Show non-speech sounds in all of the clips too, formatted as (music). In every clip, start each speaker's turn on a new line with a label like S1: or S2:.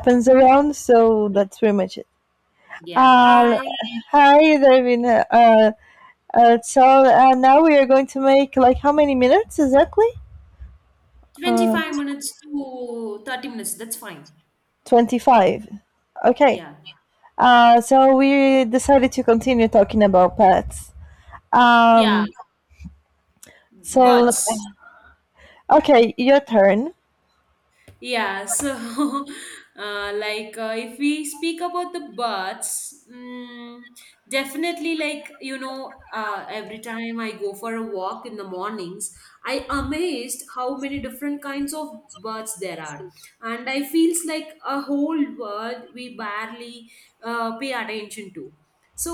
S1: Happens around, so that's pretty much it.
S2: Yeah,
S1: Uh,
S2: hi.
S1: Hi, Davina. Now we are going to make like how many minutes exactly? Uh,
S2: 25 minutes to 30 minutes. That's fine.
S1: 25. Okay.
S2: Yeah.
S1: So we decided to continue talking about pets.
S2: Yeah.
S1: Um, so,
S2: Birds.
S1: okay, your turn. (laughs)
S2: Yeah. So, (laughs) like, if we speak about the birds, definitely, like, every time I go for a walk in the mornings, I amazed how many different kinds of birds there are. And I feels like a whole world we barely pay attention to. So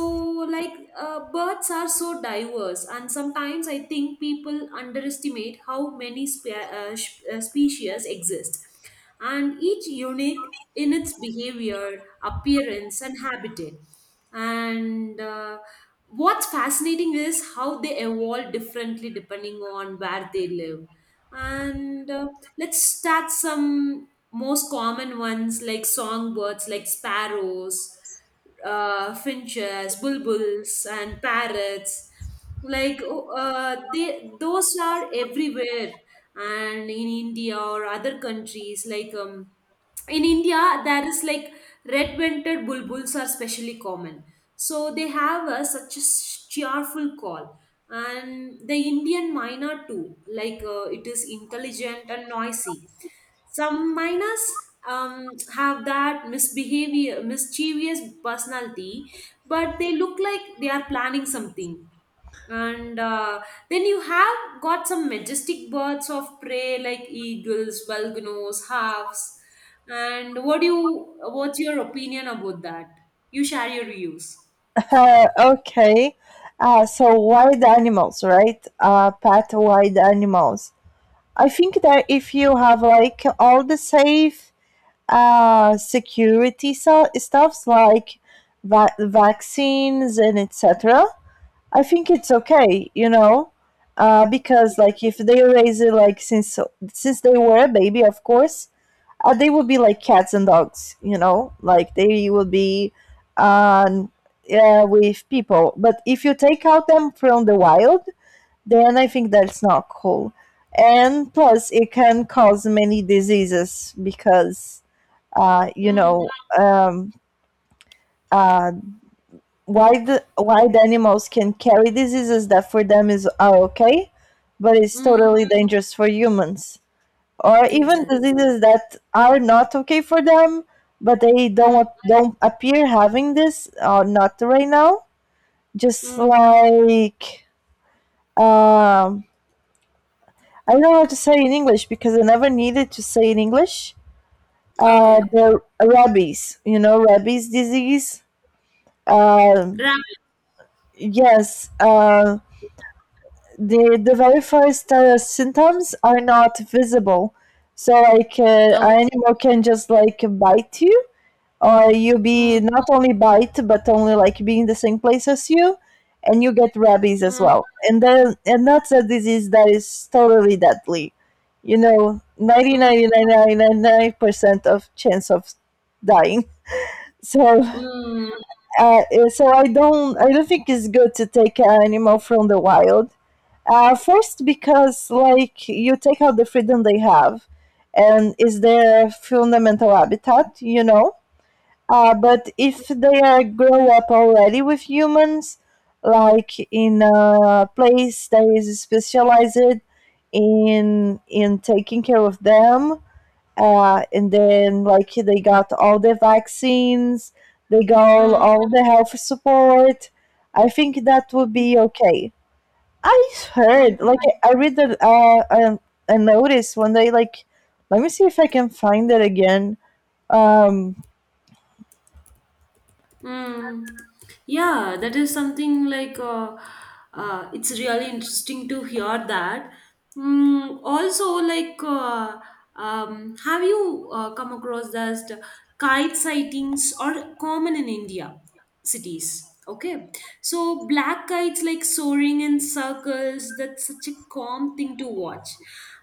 S2: like, birds are so diverse, and sometimes I think people underestimate how many species exist, and each unique in its behavior, appearance, and habitat. And what's fascinating is how they evolve differently depending on where they live. And let's start some most common ones like songbirds like sparrows, finches, bulbuls, and parrots. Like, oh, those are everywhere, and in India or other countries. Like, in India, there is like red-vented bulbuls are specially common. So they have such a cheerful call. And the Indian myna too, like, it is intelligent and noisy. Some minors um, have that misbehavior, mischievous personality, but they look like they are planning something. And then you have got some majestic birds of prey like eagles, vulganos, hawks. And what do you? What's your opinion about that? You share your views.
S1: Okay. So wild animals, right? Pet wild animals. I think that if you have like all the safe security stuffs like vaccines and etc. I think it's okay, you know,
S2: Yeah.
S1: because like if they raise it like since they were a baby, of course, they would be like cats and dogs, you know, like they will be um, with people. But if you take out them from the wild, then I think that's not cool. And plus, it can cause many diseases because you know,
S2: Mm.
S1: um, uh, wild wild animals can carry diseases that for them is are okay, but it's
S2: Mm.
S1: totally dangerous for humans, or even
S2: Exactly.
S1: diseases that are not okay for them, but they
S2: Mm.
S1: don't appear having this or not right now. Just
S2: Mm.
S1: like um, I don't know how to say in English because I never needed to say in English.
S2: Okay.
S1: The rabies, you know, rabies disease. Um,
S2: Ramen.
S1: Yes, the very first symptoms are not visible, so like
S2: Okay.
S1: an animal can just like bite you, or you be
S2: Mm.
S1: not only bite but only like be in the same place as you, and you get rabies as
S2: Mm.
S1: well. And then and that's a disease that is totally deadly. You know,
S2: Mm.
S1: 99.999% of chance of dying. So,
S2: Mm.
S1: uh, so I don't think it's good to take an animal from the wild. First, because like you take out the freedom they have, and is their fundamental habitat, you know. But if
S2: Mm.
S1: they are grow up already with humans, like in a place that is specialized in taking care of them, and then like they got all the vaccines, they got
S2: Mm.
S1: all the health support. I think that would be okay. I've heard, like,
S2: Mm.
S1: I read that, a notice one day, like, let me see if I can find it again. Um,
S2: Mm. Yeah, that is something like, it's really interesting to hear that. Also, like, have you come across that kite sightings are common in India cities? Okay, so black kites like soaring in circles, that's such a calm thing to watch.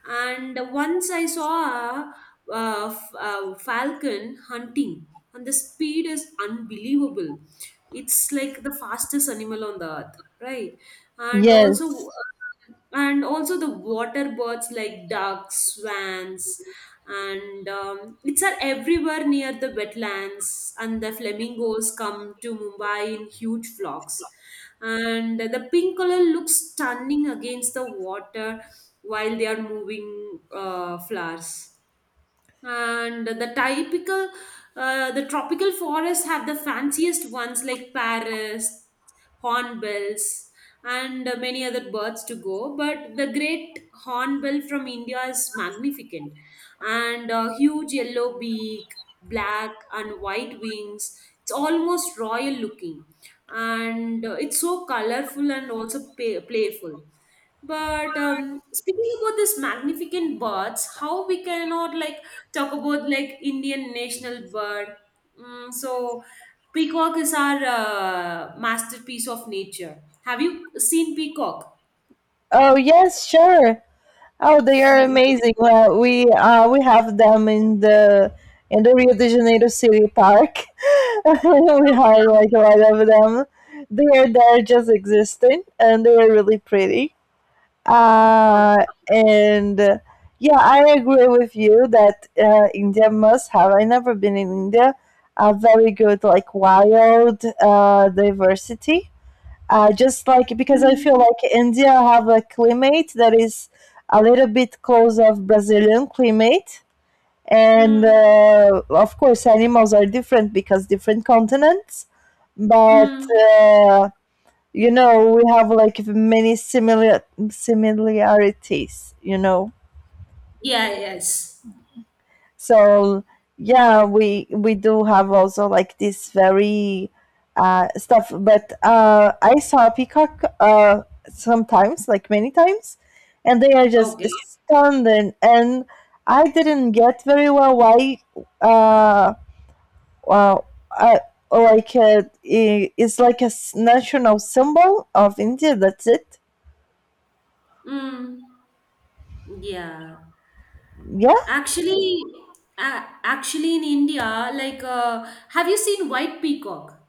S2: And once I saw a, a falcon hunting, and the speed is unbelievable. It's like the fastest animal on the earth, right? and also
S1: yes.
S2: uh, and also the water birds like ducks, swans, and it's are everywhere near the wetlands. And the flamingos come to Mumbai in huge flocks, and the pink color looks stunning against the water while they are moving flowers. And the typical, the tropical forests have the fanciest ones like paris, hornbills, and many other birds to go. But the great hornbill from India is magnificent. And huge yellow beak, black and white wings, it's almost royal looking. And it's so colorful and also playful. But speaking about this magnificent birds, how we cannot like talk about like Indian national bird. So peacock is our masterpiece of nature. Have you seen peacock?
S1: Oh, yes, sure. Oh, they are
S2: (laughs) Yeah.
S1: amazing. Well, we have them in the Rio de Janeiro City Park. (laughs) We have like a lot of them. They are there just existing, and they are really pretty. Uh,
S2: Okay.
S1: and Yeah, I agree with you that India must have. I never been in India. A very good like wild diversity. Just like because I
S2: Mm.
S1: feel like India have a climate that is a little bit close of Brazilian climate, and
S2: Mm.
S1: of course animals are different because different continents, but
S2: Mm.
S1: uh, you know we have like many similarities, you know,
S2: Yeah. Yes.
S1: so yeah, we do have also like this very stuff, but I saw peacock sometimes, like many times, and they are just
S2: Okay.
S1: stunning, and I didn't get very well why. uh well i it's like a national symbol of India, that's it.
S2: Mm. Yeah.
S1: Yeah.
S2: Actually, in India, like, have you seen white peacock?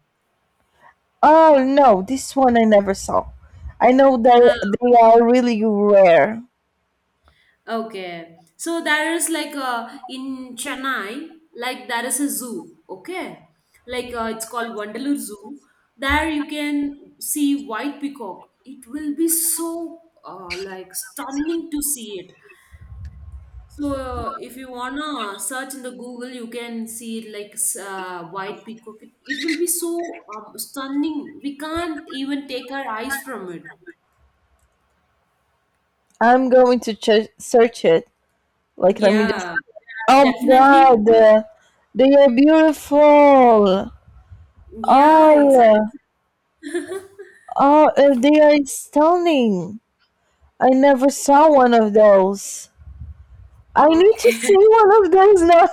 S1: Oh no, this one I never saw. I know
S2: Uh,
S1: they are really rare.
S2: Okay. So there is like a in Chennai, like there is a zoo. Okay. Like, it's called Wandalur Zoo. There you can see white peacock. It will be so like stunning to see it. So if you wanna search in the Google, you can see it like white peacock. It will be so stunning. We can't even take our eyes from it.
S1: I'm going to search it. Like let me just.
S2: Yeah,
S1: Oh my
S2: definitely.
S1: god, they are beautiful.
S2: Yeah,
S1: Oh,
S2: exactly.
S1: oh, they are stunning. I never saw one of those. I need to see
S2: Okay. (laughs)
S1: one of those now.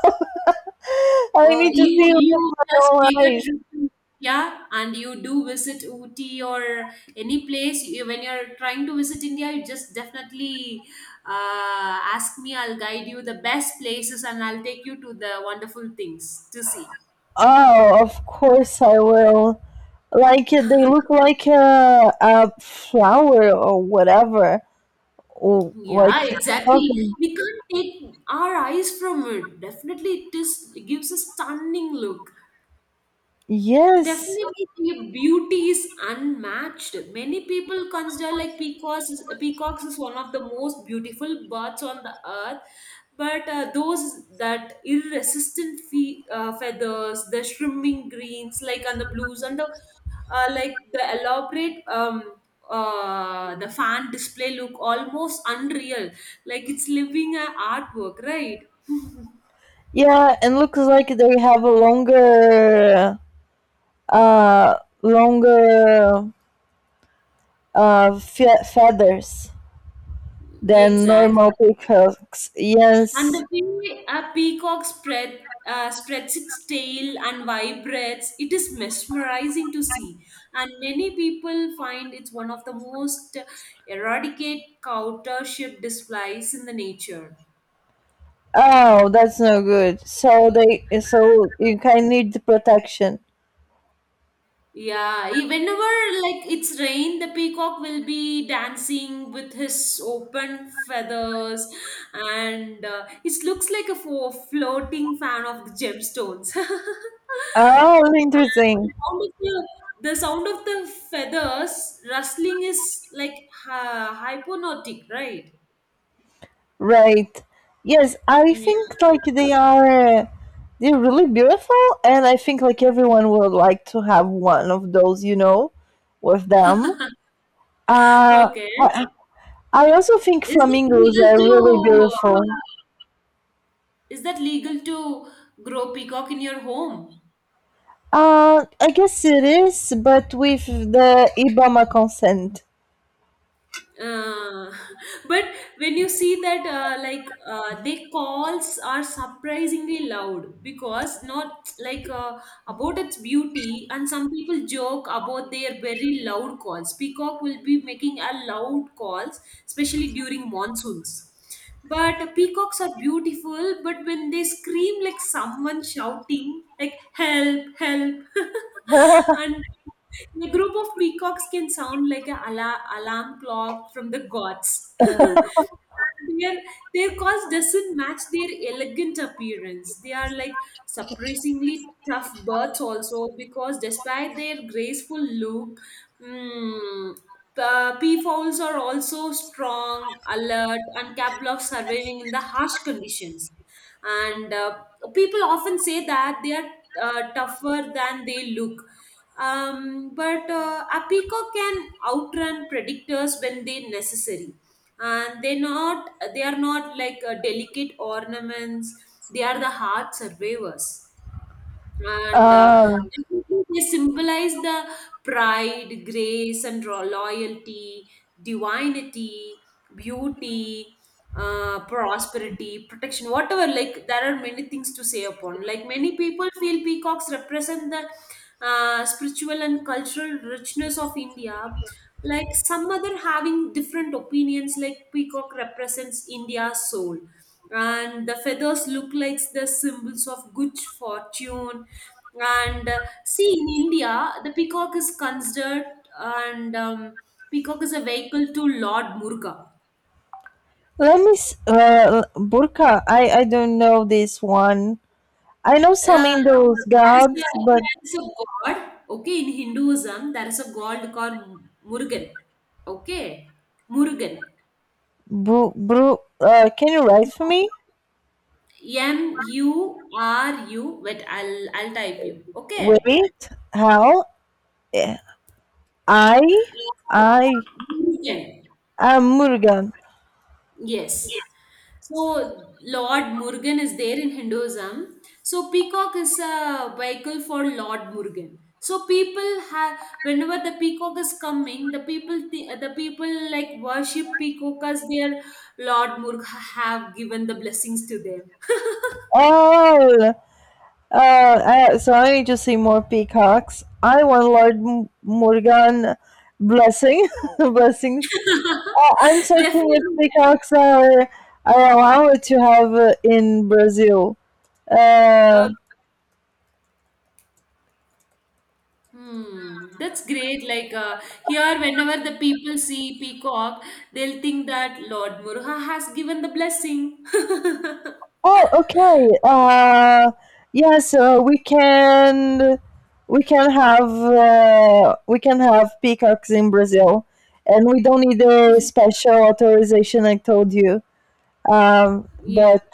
S1: (laughs) I
S2: Uh,
S1: need to
S2: you
S1: see it with
S2: you
S1: my
S2: just
S1: own
S2: make a
S1: eyes.
S2: trip to India and you do visit Ooty or any place when you're trying to visit India, you just definitely ask me. I'll guide you the best places and I'll take you to the wonderful things to see.
S1: Oh, of course I will. Like they look like a flower or whatever, or like
S2: Yeah, exactly.
S1: something.
S2: We can't take our eyes from it. Definitely, it gives a stunning look.
S1: Yes,
S2: Definitely, the beauty is unmatched. Many people consider like peacocks. Peacocks is one of the most beautiful birds on the earth, but those that irresistant feathers, the shimmering greens, like on the blues, and the elaborate the fan display look almost unreal. Like it's living an artwork, right? (laughs)
S1: yeah, and looks like they have a longer, uh, longer feathers than
S2: Exactly.
S1: normal peacocks.
S2: And
S1: Yes.
S2: the way a peacock spreads its tail and vibrates, it is mesmerizing to see. And many people find it's one of the most eradicate countership displays in the nature.
S1: Oh, that's no good. So so you kind of need protection.
S2: Yeah, whenever like it's rain, the peacock will be dancing with his open feathers, and it looks like a floating fan of the gemstones. (laughs) And
S1: Oh,
S2: the
S1: interesting.
S2: sound of the, the sound of the feathers rustling is like hypnotic, right?
S1: Right. Yes, I
S2: Yeah.
S1: think
S2: (laughs)
S1: like they are they're really beautiful, and I think like everyone would like to have one of those, you know, with them. Uh
S2: Okay.
S1: I, I also think
S2: Is it
S1: flamingos
S2: legal
S1: are really
S2: to
S1: beautiful.
S2: is that legal to grow peacock in your home?
S1: I guess it is, but with the Ibama consent.
S2: Uh, (laughs) but when you see that like, their calls are surprisingly loud because not (tsk) like, about its beauty, and some people joke about their very loud calls. Peacock will be making a loud calls especially during monsoons, but peacocks are beautiful but when they scream like someone shouting like help help. (laughs) And
S1: (laughs)
S2: a group of peacocks can sound like an alarm clock from the gods. (laughs) their their cost doesn't match their elegant appearance. They are like surprisingly tough birds also because despite their graceful look, mm, peafowls are also strong, alert, and capable of surviving in the harsh conditions. And people often say that they are tougher than they look. But a peacock can outrun predators when they necessary, and they are not like delicate ornaments. They are the heart survivors. And
S1: Um,
S2: they symbolize the pride, grace, and loyalty, divinity, beauty, prosperity, protection, whatever. Like, there are many things to say upon, like many people feel peacocks represent the spiritual and cultural richness of India, like some other having different opinions like peacock represents India's soul, and the feathers look like the symbols of good fortune. And see, in India, the peacock is considered, and peacock is a vehicle to Lord Muruga.
S1: let me burka. I don't know this one. I know some
S2: Uh,
S1: Indus
S2: there is
S1: gods, but
S2: a god, okay, in Hinduism. There is a god called Murugan, okay, Murugan.
S1: Can you write for me?
S2: MURU, wait, I'll type you. Okay.
S1: Wait, how? Eh, I, I
S2: Murugan.
S1: am Murugan.
S2: Yes. So Lord Murugan is there in Hinduism. So peacock is a vehicle for Lord Murugan. So people have whenever the peacock is coming, the people like worship peacock as their Lord Murg have given the blessings to them.
S1: Oh, uh, so I need to see more peacocks. I want Lord Murugan blessing, (laughs) blessings. Oh, I'm
S2: (laughs)
S1: searching if
S2: Definitely.
S1: are allowed to have in Brazil.
S2: Uh,
S1: Uh,
S2: Hmm, that's great. Like, here, whenever the people see peacock, they'll think that Lord Muruha has given the blessing. (laughs)
S1: Oh, okay. Yes, so we can have peacocks in Brazil, and we don't need a special authorization. I told you, um,
S2: Yeah.
S1: but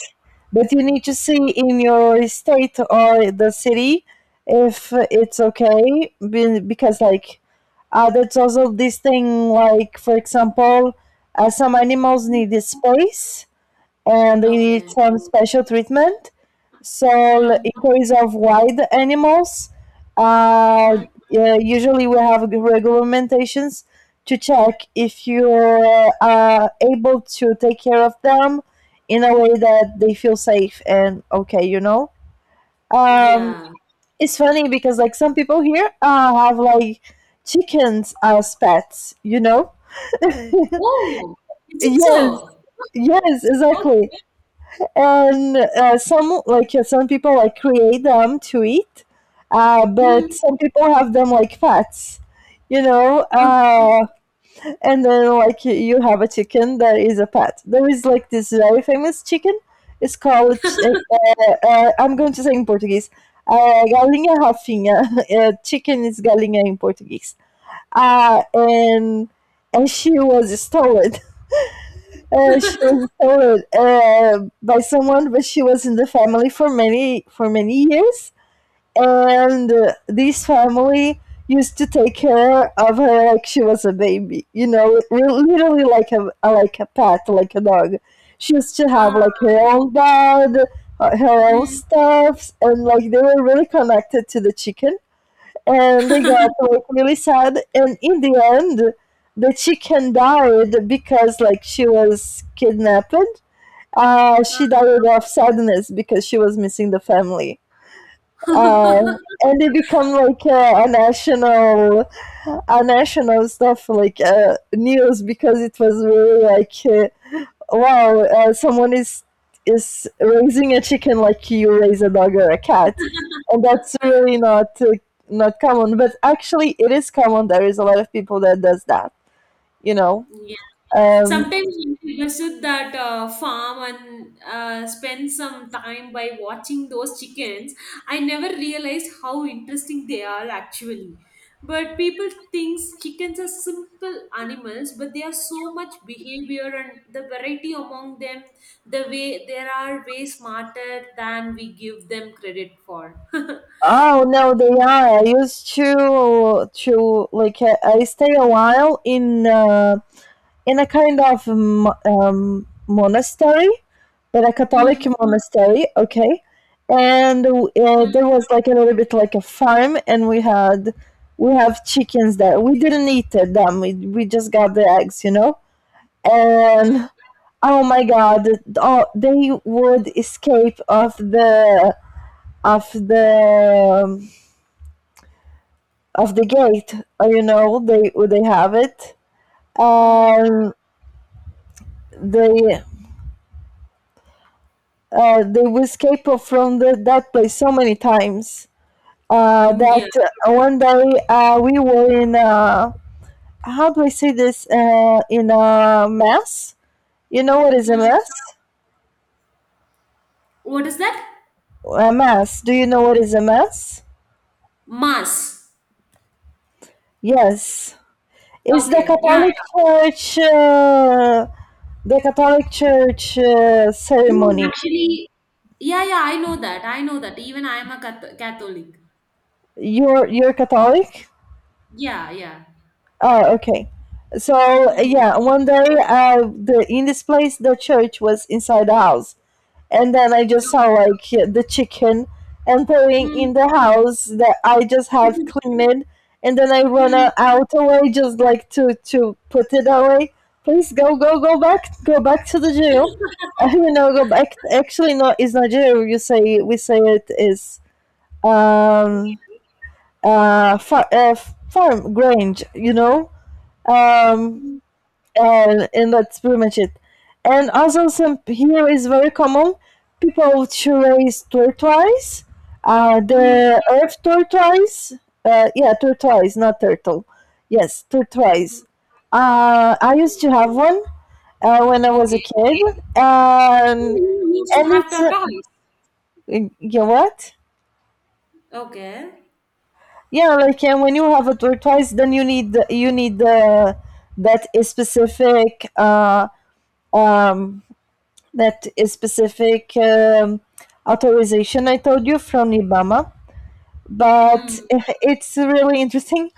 S1: but you need to see in your state or the city if it's okay, because like that's also this thing. Like for example, some animals need space, and they need
S2: Okay.
S1: some special treatment. So
S2: Mm.
S1: in case of wild animals,
S2: Mm.
S1: yeah, usually we have regulations to check if you're able to take care of them in a way that they feel safe and okay, you know. Um,
S2: Yeah.
S1: it's funny because like some people here have like chickens as pets, you know.
S2: Oh, is it
S1: Yes,
S2: so?
S1: yes,
S2: (laughs) Okay.
S1: exactly. And some, like, some people like create them to eat,
S2: Mm.
S1: but some people have them like pets, you know.
S2: Okay.
S1: And then like you have a chicken that is a pet. There is like this very famous chicken. It's called
S2: (laughs)
S1: I'm going to say in Portuguese, Galinha Rafinha. (laughs) Chicken is galinha in Portuguese. uh, and and she was stolen. (laughs) She was stolen by someone, but she was in the family for many years. And this family used to take care of her like she was a baby. You know, literally like a pet, like a dog. She used to
S2: Ah.
S1: have like her own bed, her own
S2: Mm.
S1: stuffs, and like they were really connected to the chicken, and they got
S2: (laughs)
S1: like really sad, and in the end the chicken died because like she was kidnapped. She
S2: Ah.
S1: died of sadness because she was missing the family, uh, and it become like a national, stuff, like news, because it was really like wow, someone is raising a chicken like you raise a dog or a cat, and that's
S2: (laughs)
S1: really not common. But actually, it is common. There is a lot of people that does that, you know.
S2: Yeah.
S1: Um,
S2: Sometimes you visit that farm and spend some time by watching those chickens. I never realized how interesting they are actually. But people think chickens are simple animals, but they are so much behavior and the variety among them, the way they are way smarter than we give them credit for. (laughs)
S1: oh no, they are. I used to like I stay a while in a kind of monastery, but a Catholic
S2: Mm.
S1: monastery, okay? And
S2: Mm.
S1: there was like a little bit like a farm, and we have chickens there. We didn't eat them; we just got the eggs, you know.
S2: Mm.
S1: And oh my god, oh, they would escape of the of the of the gate, you know. They have it.
S2: Mm.
S1: Um, they they will escape from that place so many times
S2: Mm.
S1: that
S2: Yeah.
S1: one day we were in how do I say this in a mass? You know what is a
S2: Mm.
S1: mass?
S2: What is that?
S1: A mass. Do you know what is a mass?
S2: Mass.
S1: Yes, it's the
S2: Okay. Yeah.
S1: Catholic Church. The Catholic Church
S2: No,
S1: ceremony.
S2: actually, yeah, yeah, I know that. I know that. Even I am a Catholic.
S1: You're Catholic?
S2: Yeah, yeah.
S1: Oh, okay. So
S2: Mm.
S1: yeah, one day the in this place the church was inside the house, and then I just saw like the chicken entering
S2: Mm.
S1: in the house that I just have
S2: (laughs)
S1: cleaned, and then I run
S2: Mm.
S1: out away just like to put it away. Please go back to the jail. (laughs) You know, go back. Actually, no, it's not jail. You say, we say it is um uh, far, uh farm, grange, you know. um
S2: Mm.
S1: and that's pretty much it. And also, some here is very common. People to raise tortoise,
S2: Mm.
S1: the earth tortoise. Yeah, tortoise, not turtle. Yes, tortoise. I used to have one when I
S2: (laughs)
S1: was a
S2: Okay.
S1: kid,
S2: You used
S1: and
S2: to have
S1: it's
S2: the—
S1: yeah, what?
S2: Okay.
S1: Yeah, like, and when you have a tortoise, then you need the that specific uh, um, that specific authorization I told you from Ibama. But
S2: Mm.
S1: (laughs) it's really interesting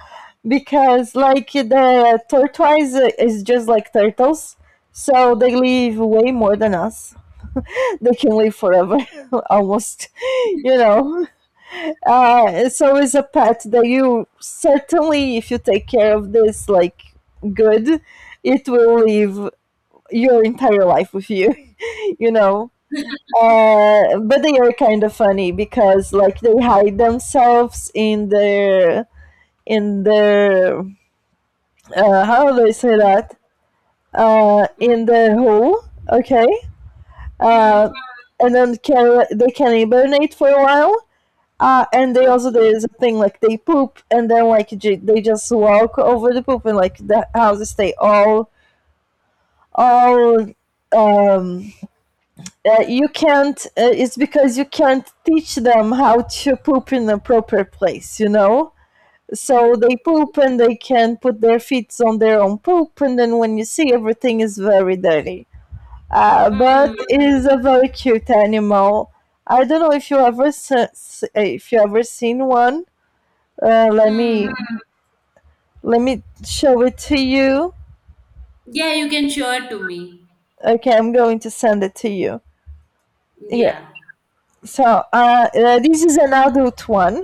S1: because, like, the tortoise is just like turtles, so they live way more than us. (laughs) They can live forever, (laughs) almost, you know. So it's a pet that you certainly, if you take care of this, like, good, it will live your entire life with you, (laughs) you know. But they are kind of funny because like they hide themselves in their in their how do I say that,
S2: Mm.
S1: in their hole, okay, uh,
S2: Mm.
S1: and then they can hibernate for a while. And they also
S2: Okay.
S1: there's a thing like they poop and then they just walk over the poop and like the houses stay all um you can't it's because you can't teach them how to poop in a proper place. So they
S2: Mm.
S1: poop and they can put their feet on their own poop and then when you see everything is very dirty, but
S2: Mm.
S1: it is a very cute animal. I don't know if you ever se- if you ever seen one. Let me
S2: Mm.
S1: let me show it to you.
S2: Yeah, you can show it to me.
S1: Okay, I'm going to send it to you here.
S2: Yeah.
S1: So this is an adult one.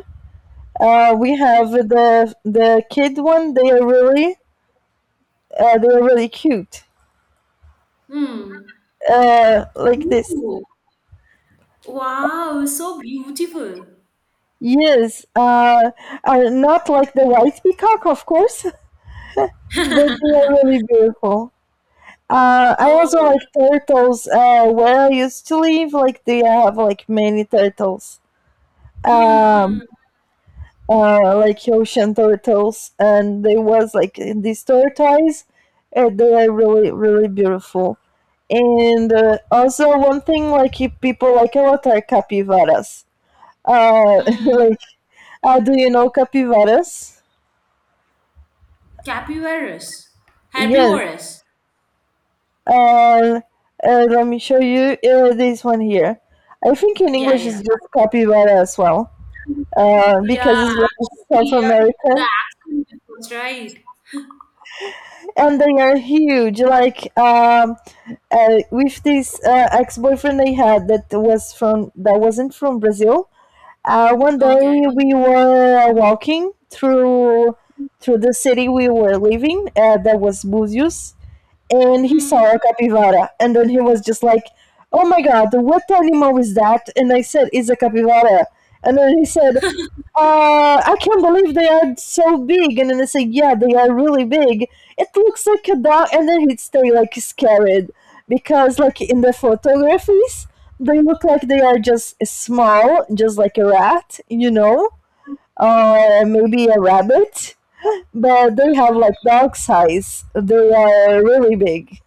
S1: We have
S2: Mm.
S1: the kid one. They are really cute.
S2: Mm.
S1: Like this.
S2: Ooh. Wow, so beautiful.
S1: Yes, are not like the white peacock, of course, (laughs) but they are really
S2: (laughs)
S1: beautiful. I also
S2: Oh.
S1: like turtles. Where I used to live, like they have like many turtles.
S2: Mm.
S1: Um,
S2: Mm.
S1: like ocean turtles, and there was like these tortoise, and they are really, really beautiful. And also one thing like people like a lot are capybaras. Uh, (laughs)
S2: Mm.
S1: like, do you know capybaras?
S2: Capyvarus.
S1: Yes.
S2: Herbivorous.
S1: Uh, Let me show you this one here. I think in
S2: Yeah,
S1: English it's
S2: yeah.
S1: just capybara as well, because
S2: Yeah,
S1: it's like South
S2: yeah. The
S1: American,
S2: accent was right.
S1: and they are huge. With this ex-boyfriend they had that was from that wasn't from Brazil. One day
S2: Okay.
S1: we were walking through the city we were living. That was Buzios, and he saw
S2: Mm.
S1: a capybara and then he was just like, oh my god, what animal is that? And I said, it's a capybara. And then he said, I can't believe they are so big. And then I said, yeah, they are really big. It looks like a dog. And then he'd stay like scared, because like in the photographies they look like they are just small, just like a rat. Maybe a rabbit, but they have
S2: Mm.
S1: like dog size. They are really big.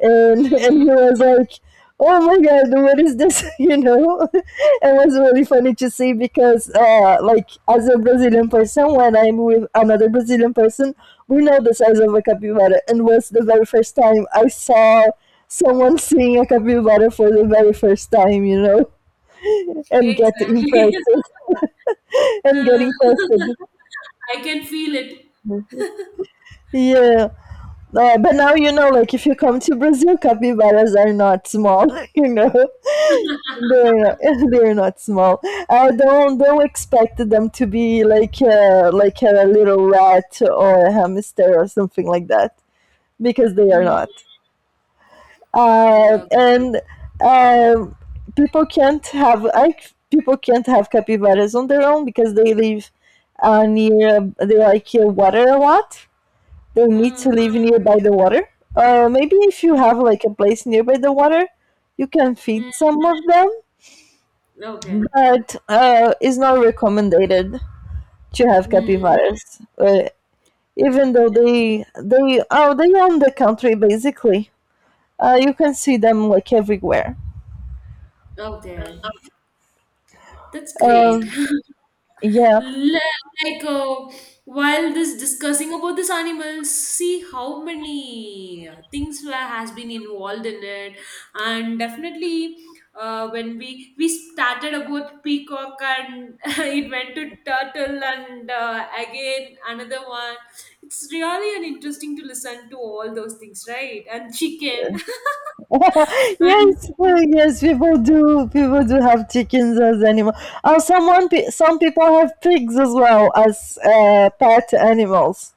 S1: And
S2: Mm.
S1: he was like, oh my god, what is this? (laughs) (laughs) It was really funny to see because like as a Brazilian person, when I'm with another Brazilian person, we know the size of a capybara. And was the very first time I saw someone seeing a capybara for the very first time, and get
S2: Exactly. (laughs)
S1: impressed. (laughs) And get
S2: Uh,
S1: impressed.
S2: (laughs) I can feel it.
S1: Yeah, but now you know, like if you come to Brazil, capybaras are not small (laughs) you know They're (laughs) they're not small. I don't expect them to be like a little rat or a hamster or something like that, because they are
S2: Mm.
S1: not.
S2: Mm. Okay.
S1: And um People can't have people can't have capybaras on their own because they live near. They like water a lot. They need to
S2: Mm.
S1: live nearby the water. Maybe if you have like a place nearby the water, you can feed
S2: Mm.
S1: some of them,
S2: Okay.
S1: but it's not recommended to have
S2: Mm.
S1: capybaras,
S2: Yeah.
S1: even though they oh they own the country basically. You can see them like everywhere.
S2: Okay. That's great.
S1: Um, yeah.
S2: Le- like, while this discussing about this animals, see how many things has been involved in it. And definitely when we started about peacock, and (laughs) it went to turtle, and again another one, it's really an interesting to listen to all those things, right? And chicken. (laughs)
S1: (laughs)
S2: And
S1: Yes, well, yes. People do have chickens as animals. Oh, some people have pigs as well as pet animals,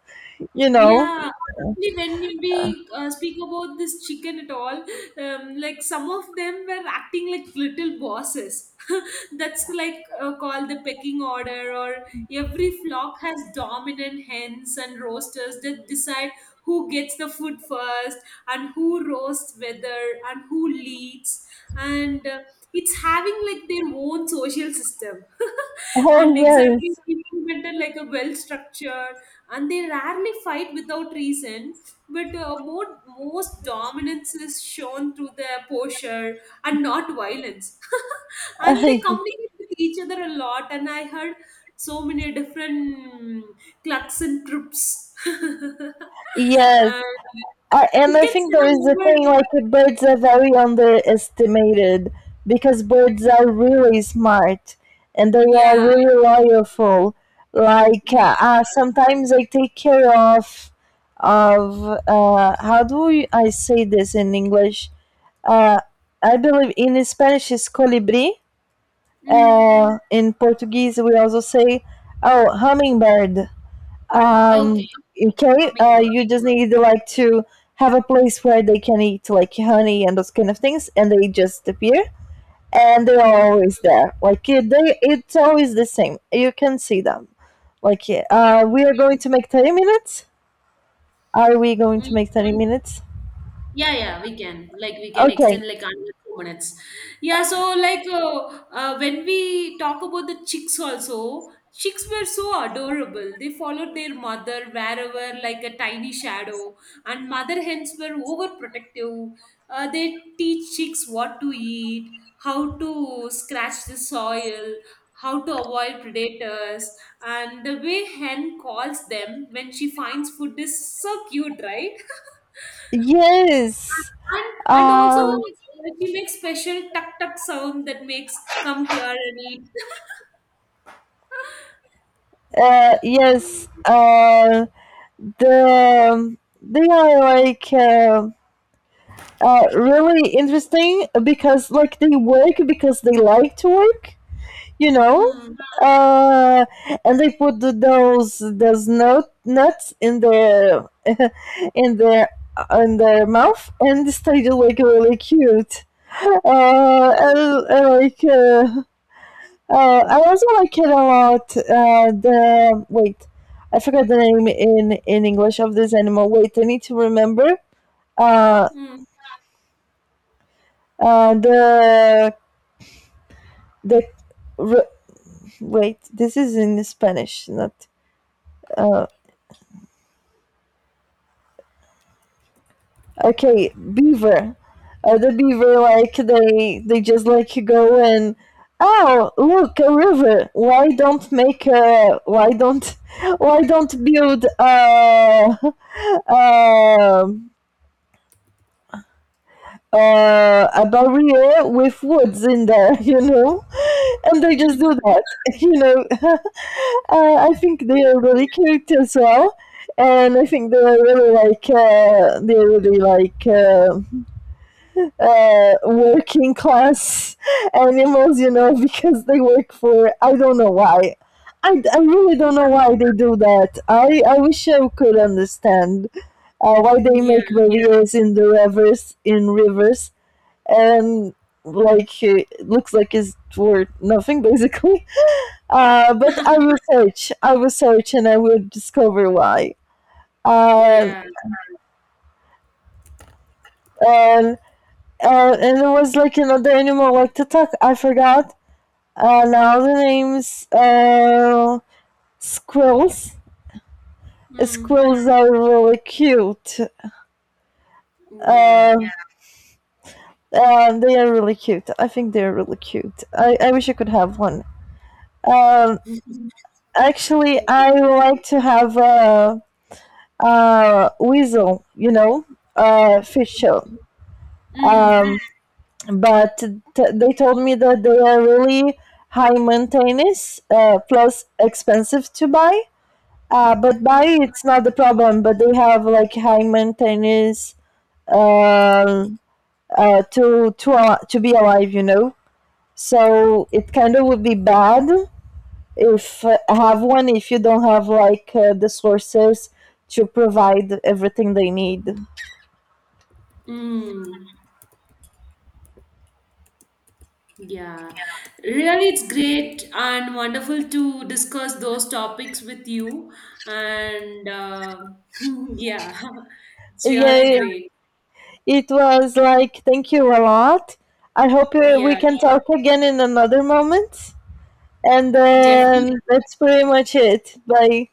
S1: you know.
S2: yeah, actually, when we speak about this chicken at all, like some of them were acting like little bosses. (laughs) That's like called the pecking order, or every flock has dominant hens and roosters that decide who gets the food first and who roasts whether and who leads. And it's having like their own social system (laughs)
S1: Oh
S2: and exactly implemented like a well structured, and they rarely fight without reason, but most dominance is shown through their posture and not violence. (laughs) And they
S1: yes.
S2: communicate with each other a lot, and I heard so many different mm, clucks and trips. (laughs) And
S1: (laughs) Yes, and I
S2: chickens
S1: think there
S2: have
S1: is a
S2: over.
S1: thing like birds are very underestimated, because birds are really smart and they are
S2: Yeah,
S1: really loyal. Like
S2: yeah.
S1: sometimes I take care of how do you- I say this in English? Uh, I believe in Spanish is colibri.
S2: Mm.
S1: In Portuguese we also say, oh, hummingbird. Um,
S2: Okay.
S1: okay,
S2: Hummingbird.
S1: you just need like to have a place where they can eat like honey and those kind of things, and they just appear, and they're
S2: Mm.
S1: always there. Like it, they, it's always the same. You can see them. Like yeah, we are going to make 30 minutes. Are we going to
S2: Mm.
S1: make 30 minutes?
S2: Yeah, yeah, we can. Like, we can
S1: Okay.
S2: extend like another 2 minutes. Yeah, so like, when we talk about the chicks also, chicks were so adorable. They followed their mother wherever, like a tiny shadow. And mother hens were overprotective. They teach chicks what to eat, how to scratch the soil, how to avoid predators, and the way hen calls them when she finds food is so cute, right? (laughs)
S1: Yes.
S2: and and also
S1: Um.
S2: she makes special tuck tuck sound that makes come here and eat. (laughs)
S1: Yes. The they are like really interesting because like they work because they like to work, you know.
S2: Mm.
S1: Uh, and they put the, those nut, nuts in their (laughs) in their in their mouth, and they do like really cute. And like I also like it a lot. I forgot the name in English of this animal. Wait, I need to remember. Uh,
S2: Mm.
S1: uh, the The r- this is in Spanish, not uh, okay. Beaver, the beaver, like they just like go and, oh, look, a river. Why don't (laughs) why don't build a (laughs) um a barrier with woods in there, (laughs) you know, and they just do
S2: (laughs)
S1: that, (laughs) you know. (laughs) Uh, I think they are really cute as well, and I think they are really like they're really like working class (laughs) animals, you know, (laughs) because they work for I don't know why. I really don't know why they do that. I wish I could understand why they
S2: Yeah,
S1: make
S2: yeah,
S1: barriers in the rivers, and like it looks like it's worth nothing basically. (laughs) But I will search, and I will discover why. Um,
S2: yeah.
S1: and uh, and it was like another animal like the tuck. I forgot now the names. Squirrels. Squirrels
S2: Mm,
S1: are really cute.
S2: yeah.
S1: Um, they are really cute. I think they are really cute. I wish I could have one. Um,
S2: (laughs)
S1: actually, I would like to have a weasel, you know, fish show.
S2: Mm.
S1: Um, but they told me that they are really high maintenance, plus expensive to buy. But
S2: Mm.
S1: buy it's not the problem. But they have like high maintenance um to be alive, you know. So it kind of would be bad if have one if you don't have like the sources to provide everything they need.
S2: Mm. Yeah, really, it's great and wonderful to discuss those topics with you. And (laughs) yeah, (laughs) it's
S1: Yeah,
S2: really
S1: yeah,
S2: great.
S1: it was like, thank you a lot. I hope we
S2: Yeah,
S1: can talk again in another moment. And
S2: definitely.
S1: then that's pretty much it. Bye.